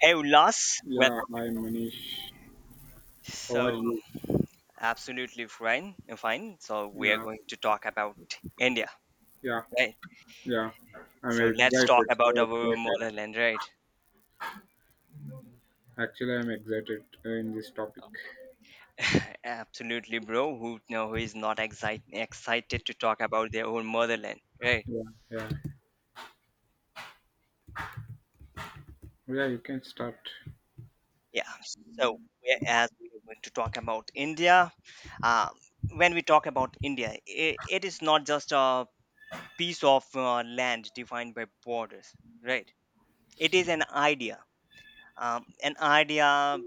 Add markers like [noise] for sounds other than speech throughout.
Hey Ulas, well, Yeah, hi Manish. How are so you? absolutely fine, fine. So we are Yeah, going to talk about India, yeah, right? yeah. I'm So let's talk excited, about so our excited. motherland, right? Actually, I'm excited in this topic. [laughs] Absolutely, bro. Who is not excited to talk about their own motherland, right? Yeah, yeah. Yeah, you can start. Yeah. So whereas we're going to talk about India, uh, when we talk about India, it is not just a piece of land defined by borders, right? It is an idea, an idea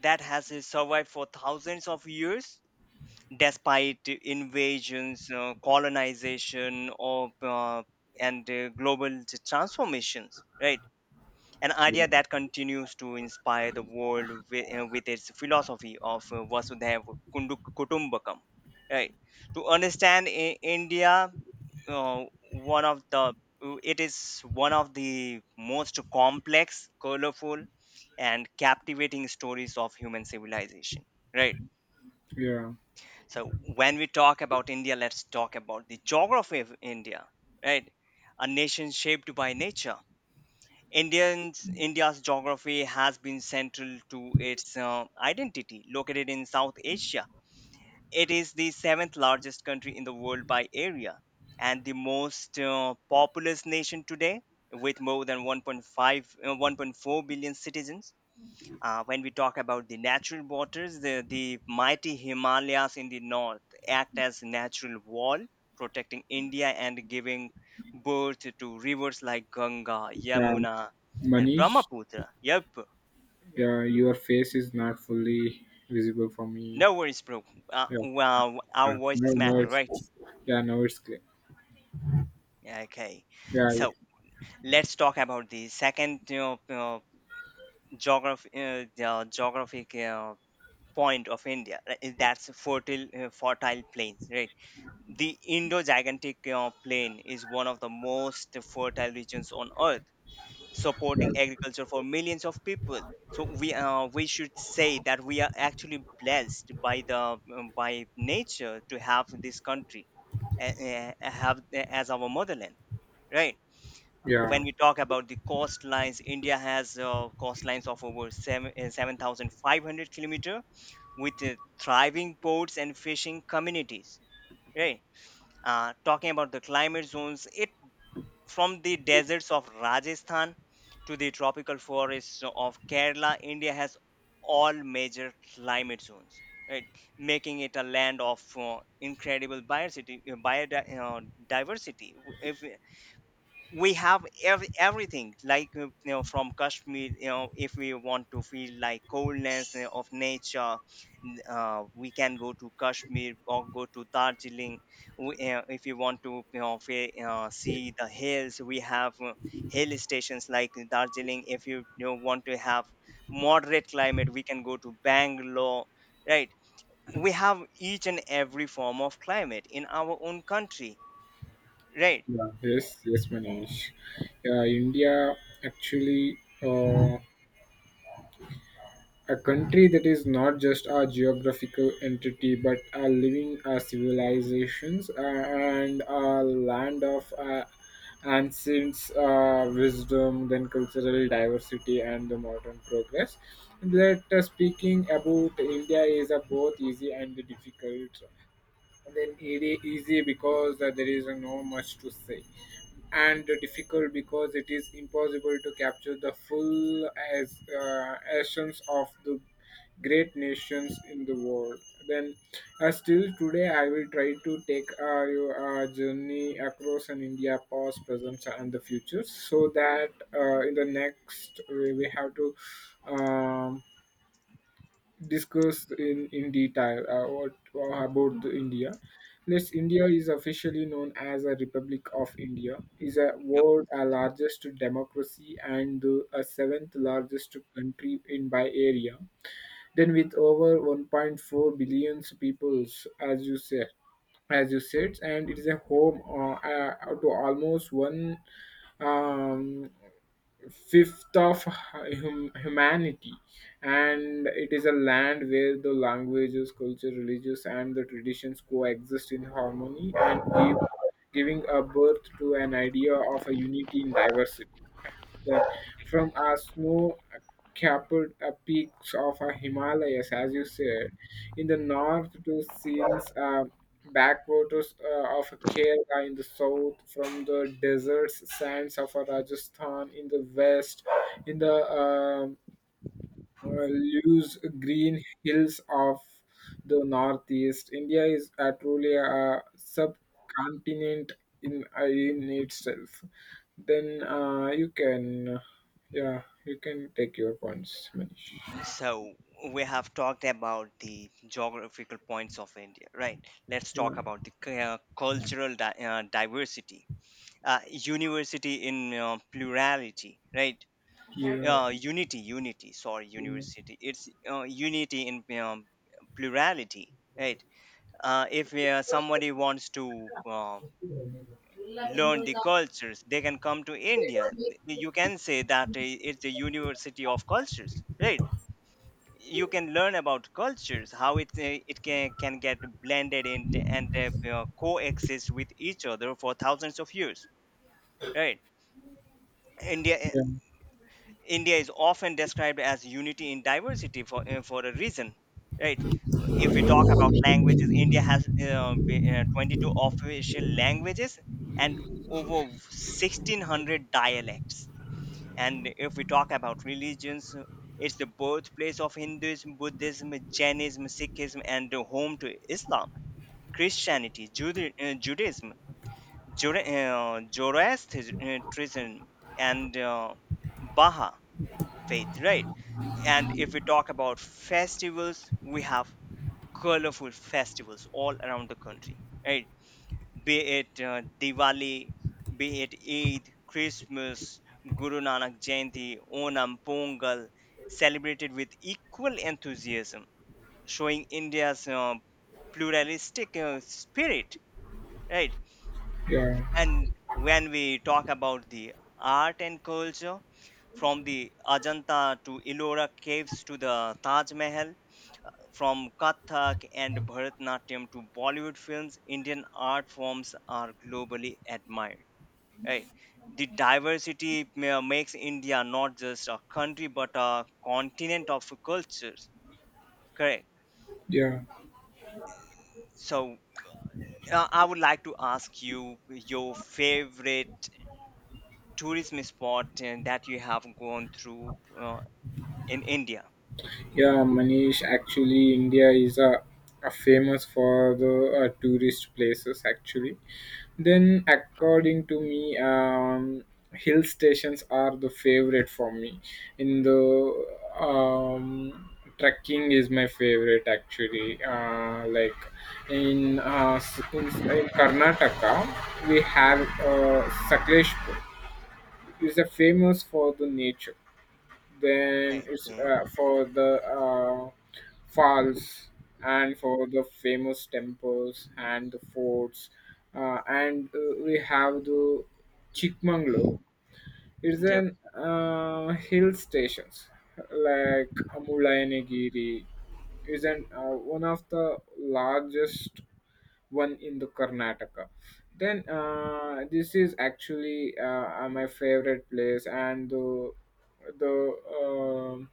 that has survived for thousands of years despite invasions, colonization, or and global transformations, right? An idea Yeah, that continues to inspire the world with its philosophy of Vasudhaiva Kutumbakam. Right. To understand India, uh, one of the it is one of the most complex, colorful, and captivating stories of human civilization. Right. yeah, So when we talk about India, let's talk about the geography of India. Right. A nation shaped by nature. India's geography has been central to its identity. Located in South Asia, it is the seventh largest country in the world by area and the most populous nation today, with more than 1.4 billion citizens. When we talk about the natural waters, the mighty Himalayas in the north act as natural wall, protecting India and giving birth to rivers like Ganga, yeah. Yamuna, and Manish, Brahmaputra. Yep, yeah, your face is not fully visible for me. no worries, bro. Yeah, Well, our yeah. No, voices matter, no, it's right? yeah, no, it's clear. Okay, Yeah, so let's talk about the second you uh, geography, the geographic point of India, right? That's fertile, fertile plains, right? The Indo-Gigantic Plain is one of the most fertile regions on Earth, yeah, supporting agriculture for millions of people. So we should say that we are actually blessed by the by nature to have this country, have as our motherland, right? yeah, When we talk about the coastlines, India has coastlines of over 7,500 kilometers with thriving ports and fishing communities, right? Uh, talking about the climate zones, it from the deserts of Rajasthan to the tropical forests of Kerala, India has all major climate zones, right? Making it a land of incredible biodiversity. We have everything like, you know, from Kashmir, you know, if we want to feel like coldness of nature, we can go to Kashmir or go to Darjeeling. If you want to, you know, see the hills, we have hill stations like Darjeeling. If you, you know, want to have moderate climate, we can go to Bangalore, right? We have each and every form of climate in our own country, right? yeah. Yes, yes, Manish. Yeah, India actually. Uh, A country that is not just a geographical entity but a living civilizations and a land of ancients, wisdom, then cultural diversity and the modern progress. That speaking about India is a both easy and difficult, then it is easy because there is no much to say, and difficult because it is impossible to capture the full as essence of the great nations in the world. Then still today I will try to take your journey across an India past, present and the future, so that in the next we have to um, discuss in detail about the India. Let's, India is officially known as a Republic of India, is a world a largest democracy and a seventh largest country in by area. Then with over 1.4 billion peoples, as you said, and it is a home to almost one um, fifth of humanity, and it is a land where the languages culture religious and the traditions coexist in harmony and giving a birth to an idea of a unity in diversity. That from our snow capped peaks of our Himalayas, as you said, in the north to scenes backwaters of Kerala in the south, from the desert sands of Rajasthan in the west, in the uh, loose green hills of the northeast. India is truly a subcontinent in itself. Then yeah, you can take your points, Manish. So we have talked about the geographical points of India, right? Let's Yeah, talk about the cultural diversity, university in plurality, right? yeah, Unity, unity. Sorry, university. It's unity in, plurality, right? If somebody wants to, learn the cultures, they can come to India. yeah, You can say that it's a university of cultures, right? You can learn about cultures, how it can get blended in and, you know, coexist with each other for thousands of years, right? India eh, India is often described as unity in diversity for a reason, right? If we talk about languages, India has 22 official languages and over 1600 dialects. And if we talk about religions, it's the birthplace of Hinduism, Buddhism, Jainism, Sikhism, and the home to Islam, Christianity, Judaism, Zoroastrianism, and Baha faith, right? And if we talk about festivals, we have colorful festivals all around the country, right? Be it Diwali, be it Eid, Christmas, Guru Nanak Jayanti, Onam, Pongal, celebrated with equal enthusiasm, showing India's pluralistic spirit, right? yeah, yeah. And when we talk about the art and culture, from the Ajanta to Ellora caves to the Taj Mahal, from Kathak and Bharatnatyam to Bollywood films, Indian art forms are globally admired, right? The diversity makes India not just a country but a continent of cultures, correct? Yeah. So, I would like to ask you your favorite tourism spot that you have gone through in India. Yeah, Manish, actually, India is famous for the tourist places, actually. Then, according to me, hill stations are the favorite for me. In the um, trekking is my favorite, actually. Like in, s- in Karnataka, we have Sakleshpur. It's a famous for the nature, then it's Okay. For the falls, and for the famous temples and the forts. And We have the Chikmangalo, it's Yep. an hill stations like Mullayanagiri. Is an one of the largest one in the Karnataka. Then this is actually my favorite place, and the um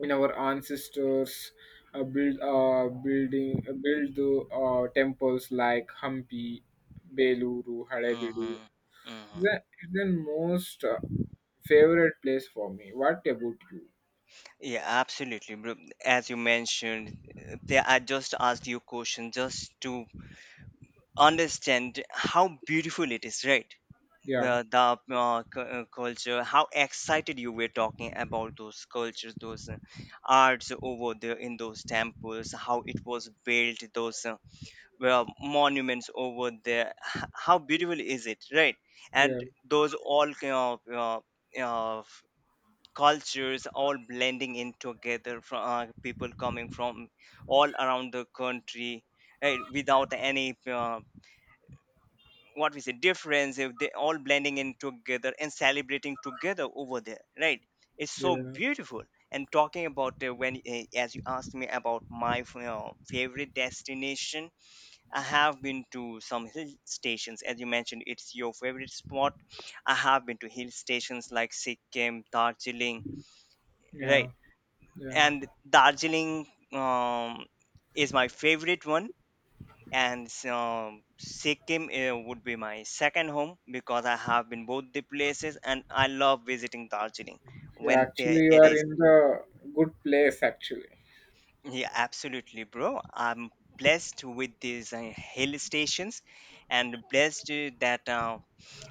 in our ancestors build the temples like Hampi, Beluru, Halebedu, Hmm. Hmm. It's the most favorite place for me. What about you? Yeah, absolutely, bro. As you mentioned, I just asked you a question just to understand how beautiful it is, right? Yeah, Well, the culture, how excited you were talking about those cultures, those arts over there in those temples, how it was built, those well, monuments over there, how beautiful is it, right? yeah, And those all kind of, uh, cultures all blending in together, from, people coming from all around the country, right? Without any, what we say, difference, if they all blending in together and celebrating together over there, right? It's so yeah, beautiful. And talking about, when as you asked me about my favorite destination, I have been to some hill stations. As you mentioned, it's your favorite spot. I have been to hill stations like Sikkim, Darjeeling, yeah, right? yeah. And Darjeeling, um, is my favorite one. And so Sikkim would be my second home because I have been both the places and I love visiting Darjeeling You when actually, you it are is. in the good place, actually. Yeah, absolutely, bro. I'm blessed with these hill stations and blessed that,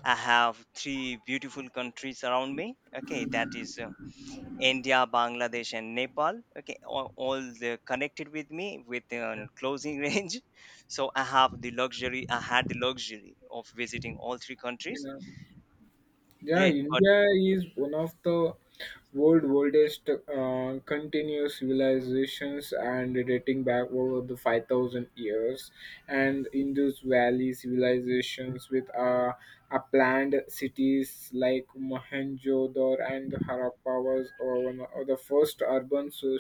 I have three beautiful countries around me, okay, that is, India, Bangladesh, and Nepal. Okay, all they connected with me within closing [laughs] range. So I have the luxury. I had the luxury of visiting all three You countries. know, yeah, Yeah, but India is one of the world oldest continuous civilizations, and dating back over the 5,000 years, and indus valley civilizations with a planned cities like Mohenjo-daro and Harappa was one of the first urban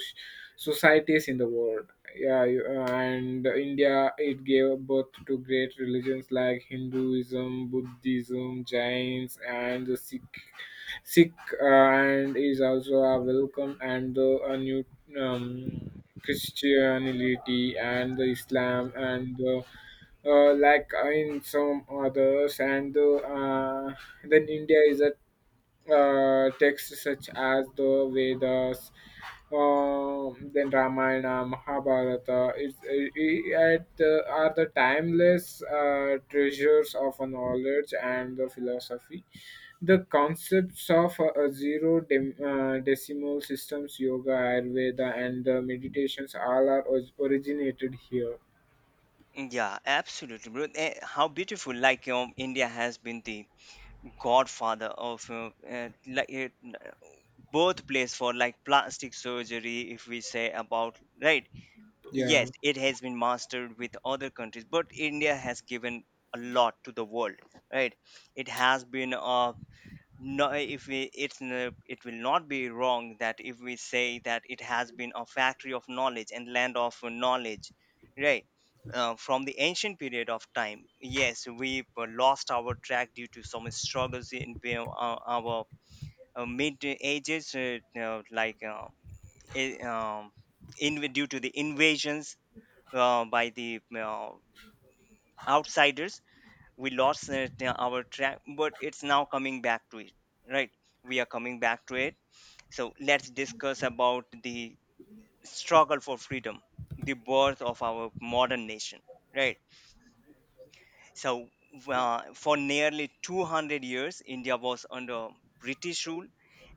societies in the world. And India it gave birth to great religions like Hinduism, Buddhism, Jains, and the Sikh. Sikh and is also a welcome and the a new um, Christianity and the Islam and the like in some others, and then india is a texts such as the Vedas, then Ramayana, Mahabharata, it's, it, at the, are the timeless treasures of a knowledge and the philosophy. The concepts of zero decimal systems, yoga, Ayurveda, and the meditations all are originated here. yeah, absolutely, bro. Eh, how beautiful! Like, India has been the godfather of, birthplace for like plastic surgery, if we say about, right? Yeah, Yes, it has been mastered with other countries, but India has given a lot to the world, right? It has been No, if we it's n- it will not be wrong that if we say that it has been a factory of knowledge and land of knowledge, right? From the ancient period of time, yes, we lost our track due to some struggles in our, mid ages, i- um, in due to the invasions by the outsiders. We lost, our track, but it's now coming back to it, right? We are coming back to it. So let's discuss about the struggle for freedom, the birth of our modern nation, right? So, for nearly 200 years, India was under British rule,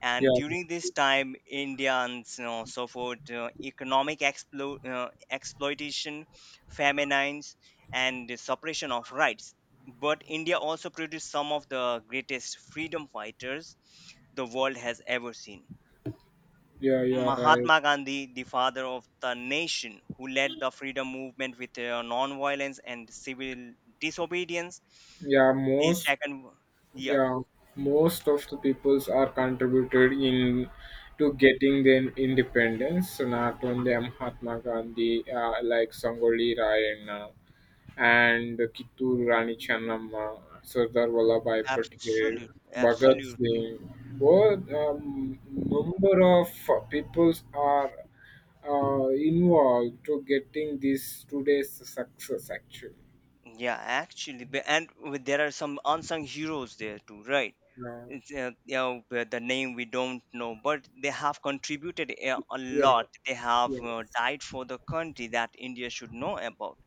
and yeah, during this time, Indians, you know, suffered economic exploitation, famines, and the suppression of rights. But India also produced some of the greatest freedom fighters the world has ever seen. yeah, you are right. Mahatma Gandhi, the father of the nation, who led the freedom movement with non-violence and civil disobedience, Yeah, the most second one. Yeah, Yeah, Most of the peoples are contributed in to getting their independence. So not only Mahatma Gandhi, like Sangoli Rayan and Kittur Rani Channamma, Sardar Vallabhai Patel, absolutely, Bhagat absolutely. Singh. Well, number of peoples are involved to getting this today's success actually. Yeah, actually, there are some unsung heroes there too, right? Yeah, It's, you know, the name we don't know, but they have contributed a yeah, lot. They have yes, died for the country that India should know about,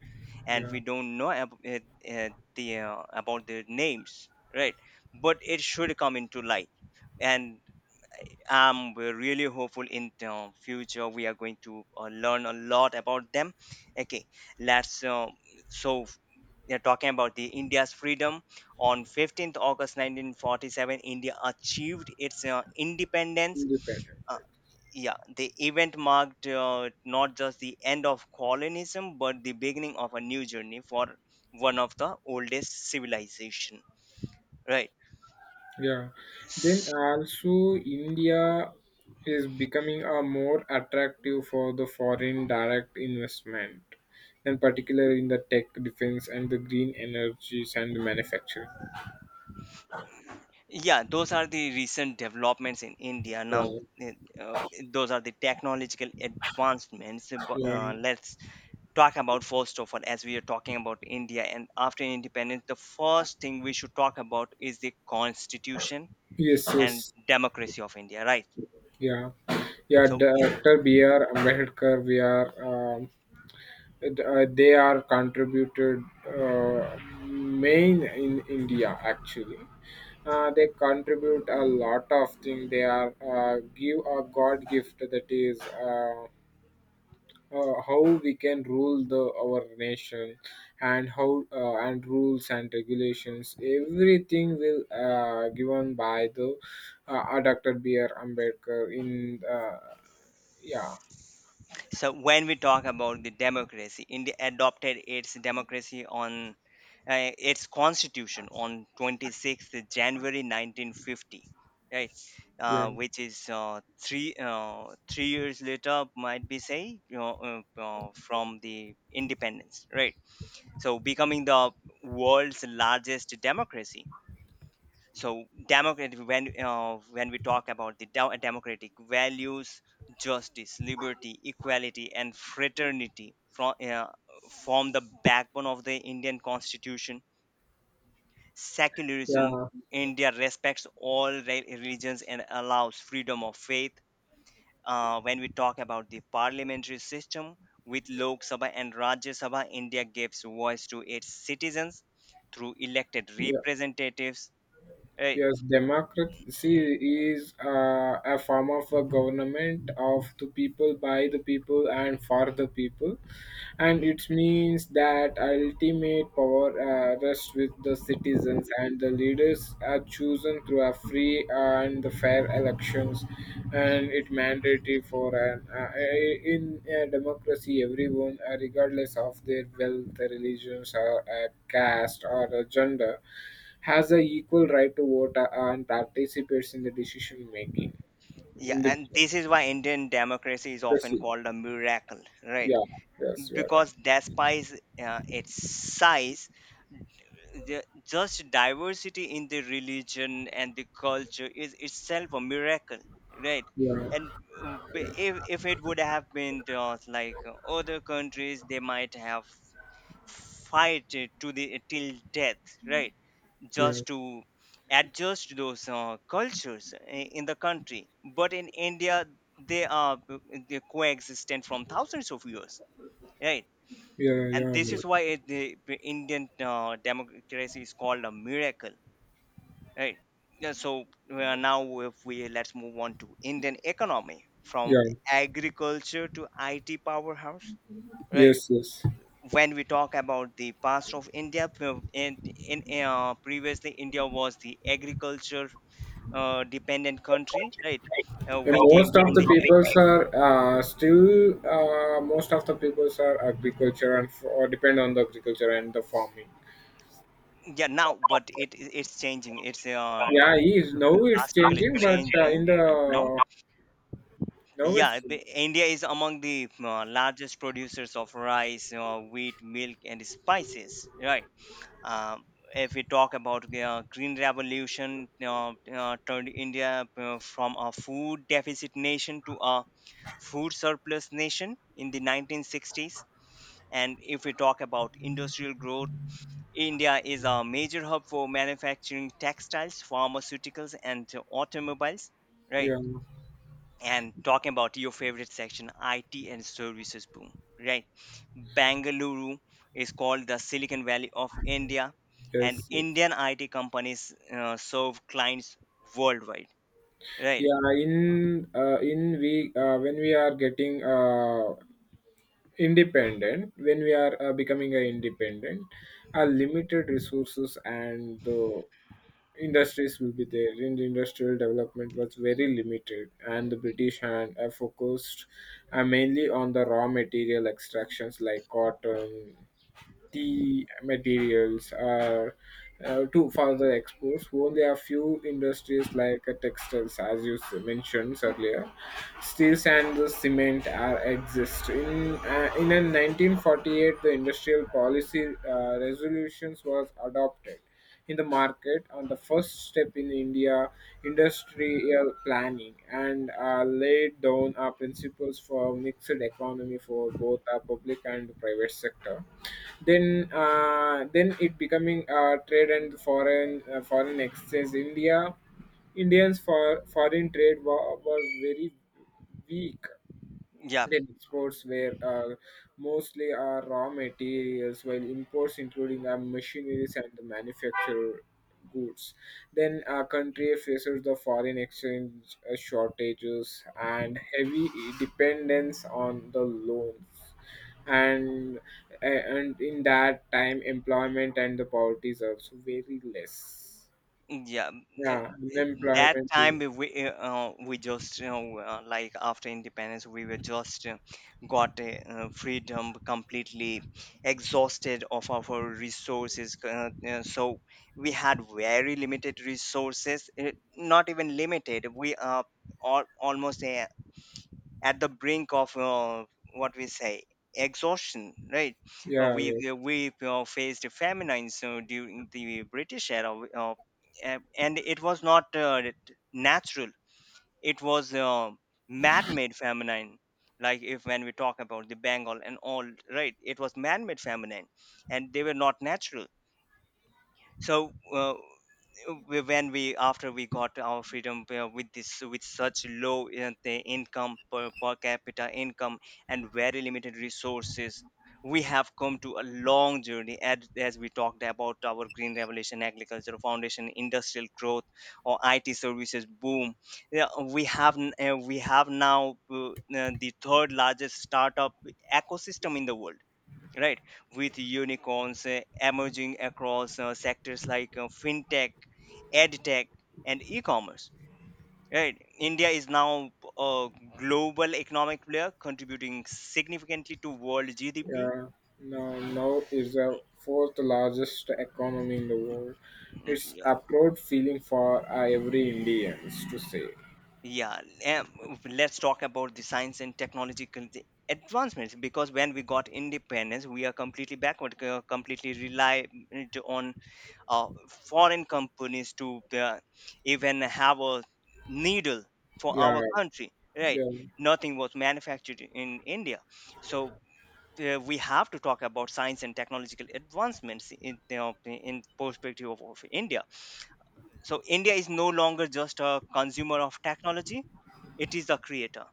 and yeah. we don't know ab- uh, the about their names, right? But it should come into light, and, we're really hopeful in the future we are going to learn a lot about them. Okay, let's so we are talking about the India's freedom. On 15th August 1947, India achieved its independence. Independent uh, practice. yeah, the event marked, not just the end of colonialism but the beginning of a new journey for one of the oldest civilization, right? Yeah. Then also India is becoming a more attractive for the foreign direct investment, and particularly in the tech, defense, and the green energies and the manufacturing. Yeah, those are the recent developments in India now. Uh, eh, uh, those are the technological advancements. Yeah. Let's talk about, first of all, as we are talking about India and after independence, the first thing we should talk about is the constitution Yes. and Yes. democracy of India, right? Yeah. Yeah. so Dr. B. R. Ambedkar. We are. Um, And, they are contributed main in India actually. They contribute a lot of things. They are give a God gift, that is how we can rule the our nation and how and rules and regulations. Everything will given by the Dr. B R Ambedkar in uh, yeah so when we talk about the democracy, India adopted its democracy on, its constitution on 26th January 1950, right? yeah Uh, which is 3 years later, might be say, you know, from the independence, right? So becoming the world's largest democracy. So democratic, when, when we talk about the democratic values, justice, liberty, equality, and fraternity, from form the backbone of the Indian constitution. Secularism, yeah India respects all religions and allows freedom of faith. Uh, when we talk about the parliamentary system, with Lok Sabha and Rajya Sabha, India gives voice to its citizens through elected yeah. representatives. Right, Yes, democracy is a form of a government of the people, by the people, and for the people. And it means that ultimate power rests with the citizens, and the leaders are chosen through a free and the fair elections. And it mandatory for an in a democracy, everyone, regardless of their wealth, their religions, or caste, or gender, has a equal right to vote and participates in the decision making yeah, in the and this is why Indian democracy is often Brazil. called a miracle, right? Yeah, yes, you are right. Because despite, its size, just diversity in the religion and the culture is itself a miracle, right? Yeah, And if it would have been like other countries, they might have fight it to the till death, right? yeah, Just to adjust those cultures in the country. But in India, they coexistent from thousands of years, right? And yeah, this Amol. is why the Indian democracy is called a miracle, right? Yeah, so now, if we let's move on to Indian economy from Yeah. agriculture to IT powerhouse, right? Yes, yes. When we talk about the past of India, in previously India was the agriculture dependent country, right? And We came most of from the the peoples are still most of the peoples are agriculture and or depend on the agriculture and the farming. Yeah, now, but it's changing. It's Yeah, he is now it's drastically changing, but changing in the right now. now Yeah, it's India is among the largest producers of rice, wheat, milk, and spices. Right. Um, if we talk about the green revolution, turned India from a food deficit nation to a food surplus nation in the 1960s. And if we talk about industrial growth, India is a major hub for manufacturing textiles, pharmaceuticals, and automobiles, right? yeah, And talking about your favorite section, IT and services boom, right? Bangalore is called the Silicon Valley of India, and yes, yes. Indian IT companies serve clients worldwide, right? yeah in we When we are getting independent, when we are becoming a independent, our limited resources and the industries will be there in the industrial development was very limited, and the british hand focused mainly on the raw material extractions like cotton, the materials are to further exports. Only a few industries like textiles, as you mentioned earlier, steels and the cement are exist. In a 1948, the industrial policy resolutions was adopted in the market on the first step in India industrial planning, and laid down our principles for mixed economy for both our public and private sector. Then it becoming trade and foreign foreign exchange, india indians for foreign trade was very weak. Yeah, Indian exports were mostly raw materials, while imports, including machineries and the manufactured goods. Then a country faces the foreign exchange shortages and heavy dependence on the loans. And and in that time, employment and the poverty is also very less. yeah, Yeah, it- that unemployment. time we just like after independence we were just got a, freedom, completely exhausted of our resources. So we had very limited resources. It, not even limited. We are almost at the brink of what we say exhaustion, right. uh, Yeah, we yeah. we we, faced famines during the British era, uh, and it was not natural, it was man-made famine, like if when we talk about the Bengal and all, right, it was man-made famine, and they were not natural. So when we, after we got our freedom, with this, with such low per capita income and very limited resources, we have come to a long journey, as we talked about our green revolution, agriculture foundation, industrial growth, or IT services boom. Yeah, we have now the third largest startup ecosystem in the world, right, with unicorns emerging across sectors like fintech, edtech, and e-commerce, right. India is now a global economic player, contributing significantly to world GDP. Yeah, now, now is the fourth largest economy in the world. Mm, It's yeah. a proud feeling for every Indians to say. Yeah, let's talk about the science and technological the advancements, because when we got independence we are completely backward, completely reliant on foreign companies to even have a needle for Yeah, our country, right. yeah. Nothing was manufactured in India. So we have to talk about science and technological advancements in, you know, in perspective of India. So India is no longer just a consumer of technology, it is the creator,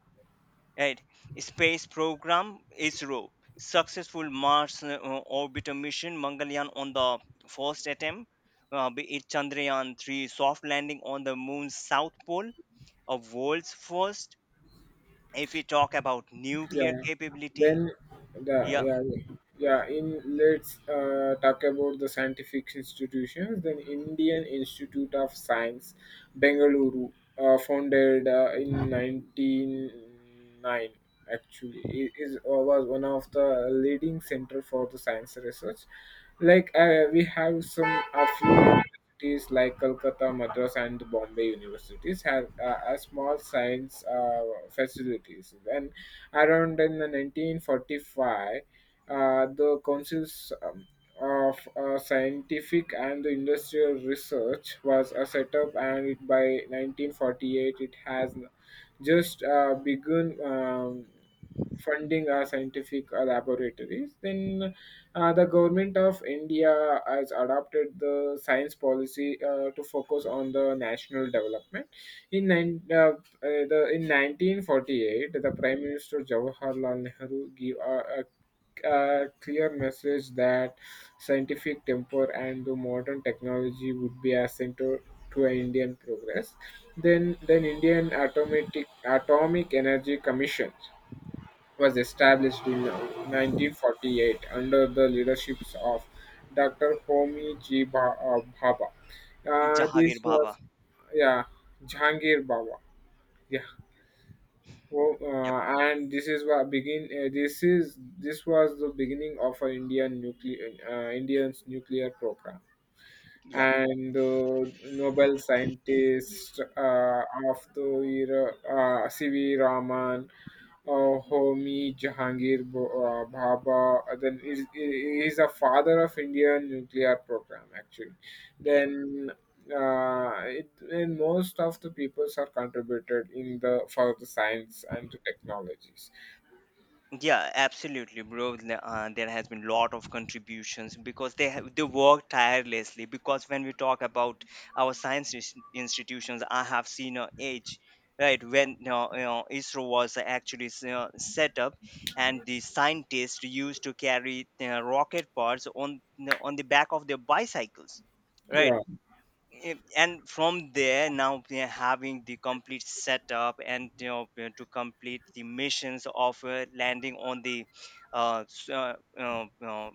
right. Space program, ISRO, successful Mars orbiter mission Mangalyaan on the first attempt, be it Chandrayaan 3 soft landing on the moon's south pole, a world's first. If we talk about nuclear Yeah. capability, Then the yeah, yeah yeah in let's talk about the scientific institutions. Then Indian Institute of Science, Bengaluru, founded in 1909. Actually, it is was one of the leading center for the science research. Like we have some a few cities like Calcutta, Madras, and Bombay universities have a small science facilities. Then, around in the 1945, uh, the councils of scientific and industrial research was set up, and it, by 1948, it has just begun funding our scientific laboratories. Then the government of India has adopted the science policy to focus on the national development. In nine, uh, uh, in 1948, the Prime Minister Jawaharlal Nehru gave a clear message that scientific temper and the modern technology would be essential to Indian progress. Then Indian Atomic Atomic Energy Commission was established in 1948 under the leadership of Dr. Homi G. Bhabha. Uh, Jahangir this Bhabha. was, yeah, Jahangir Baba. Yeah. Well, Yep, and this is what begin. This was the beginning of an Indian nuclear Indian's nuclear program, yep, and the Nobel scientist of the era, C.V. Raman, Homi Jahangir Bhabha. Then is a father of Indian nuclear program actually. yep. Then and most of the peoples are contributed in the for the science and the technologies. Yeah, absolutely, bro. There has been lot of contributions because they work tirelessly. Because when we talk about our science institutions, I have seen a age, right, when you know, ISRO was actually set up, and the scientists used to carry rocket parts on the back of their bicycles, right? Yeah, Eh, and from there now we are having the complete setup, and you know, to complete the missions of landing on the uh, s- uh, uh, uh,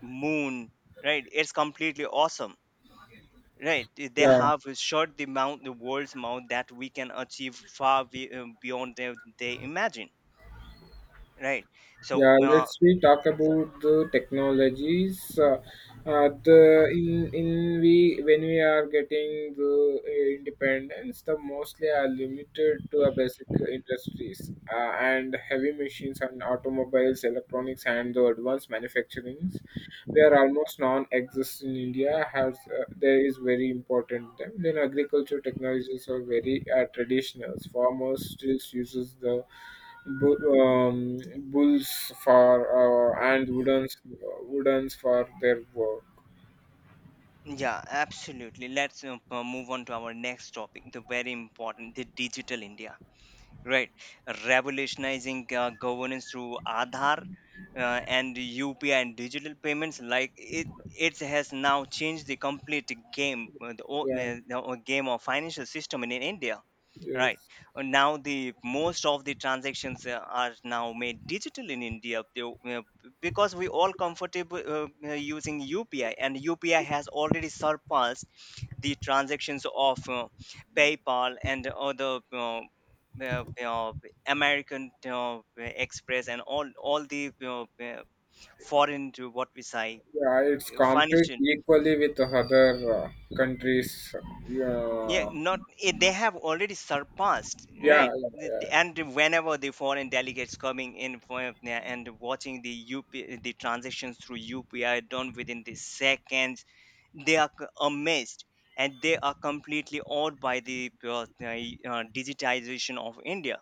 moon, right. It's completely awesome, right. They yeah. have shot the mount, the world's mount that we can achieve far beyond they imagine, right. So Yeah, let's we talk about the technologies. The in We when we are getting the independence, the mostly are limited to a basic industries and heavy machines and automobiles, electronics, and the advanced manufacturings. They are almost non-exist in India. Has there is very important them. Then agriculture technologies are very traditional. Farmers still uses the bu- um, bulls for and woodens for their work. yeah, absolutely, let's move on to our next topic, the very important, the digital India. Right. Revolutionizing governance through Aadhaar and UPI and digital payments, like it has now changed the complete game, uh, the, o- Yeah, uh, the o- game of financial system in India. Right. yes, Now the most of the transactions are now made digital in India, because we all comfortable using UPI, and UPI has already surpassed the transactions of PayPal and other uh, uh, American Express and all the foreign, to what we say, yeah. It's compete financial. equally with other countries. Yeah, Yeah, not they have already surpassed, yeah, right. yeah, yeah. And whenever the foreign delegates coming in for, yeah, and watching the UP, the transactions through UPI done within the seconds, they are amazed, and they are completely awed by the digitization of India,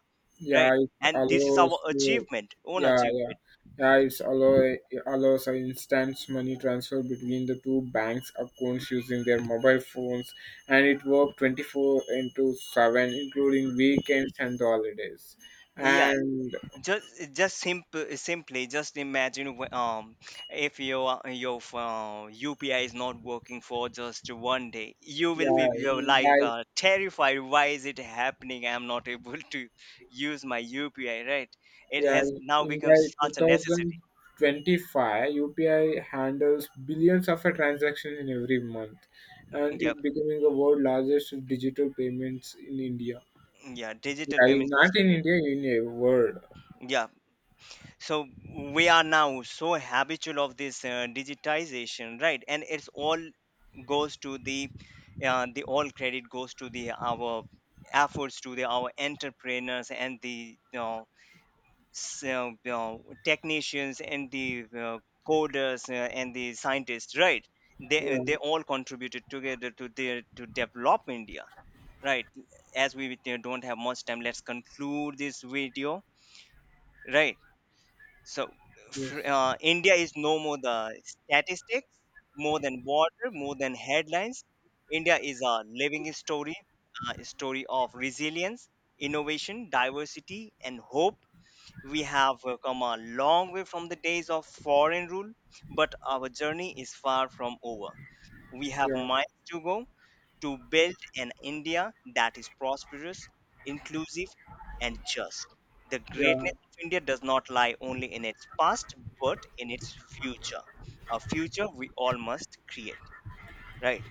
right? Yeah, it And this is our allows to, achievement, own yeah, yeah, achievement. yeah. It's allow it allows a instant money transfer between the two banks accounts using their mobile phones, and it worked 24 into 7, including weekends and holidays. Yeah, And just simple simply just imagine if your UPI is not working for just one day, you will be, yeah, you're in by like terrified, why is it happening, I'm not able [laughs] to use my UPI, right. It yeah has now in become by two such a thousand necessity. twenty five, UPI handles billions of transactions in every month, and Yep. it becoming the world largest digital payments in India. Yeah, digital Yeah, if payment not system in in it. India, in a world. Yeah, so we are now so habitual of this digitization, right, and it's all goes to the all credit goes to the our efforts, to the our entrepreneurs, and the you know, you know, technicians, and the coders and the scientists, right. Yeah, They all contributed together to the, to develop India, right. As we don't have much time, let's conclude this video, right. So yes, India is no more the statistics, more than water, more than headlines. India is a living story, a story of resilience, innovation, diversity, and hope. We have come a long way from the days of foreign rule, but our journey is far from over. We have yeah, miles to go, to build an India that is prosperous, inclusive, and just. The greatness yeah, of India does not lie only in its past, but in its future, a future we all must create, right?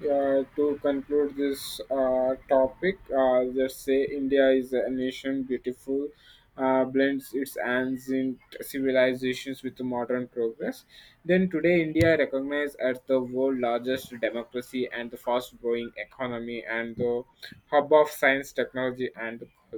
yeah. To conclude this topic, let's say India is a nation beautiful, blends its ancient civilizations with modern progress. Then today, India recognized as the world largest democracy and the fast-growing economy and the hub of science, technology, and culture.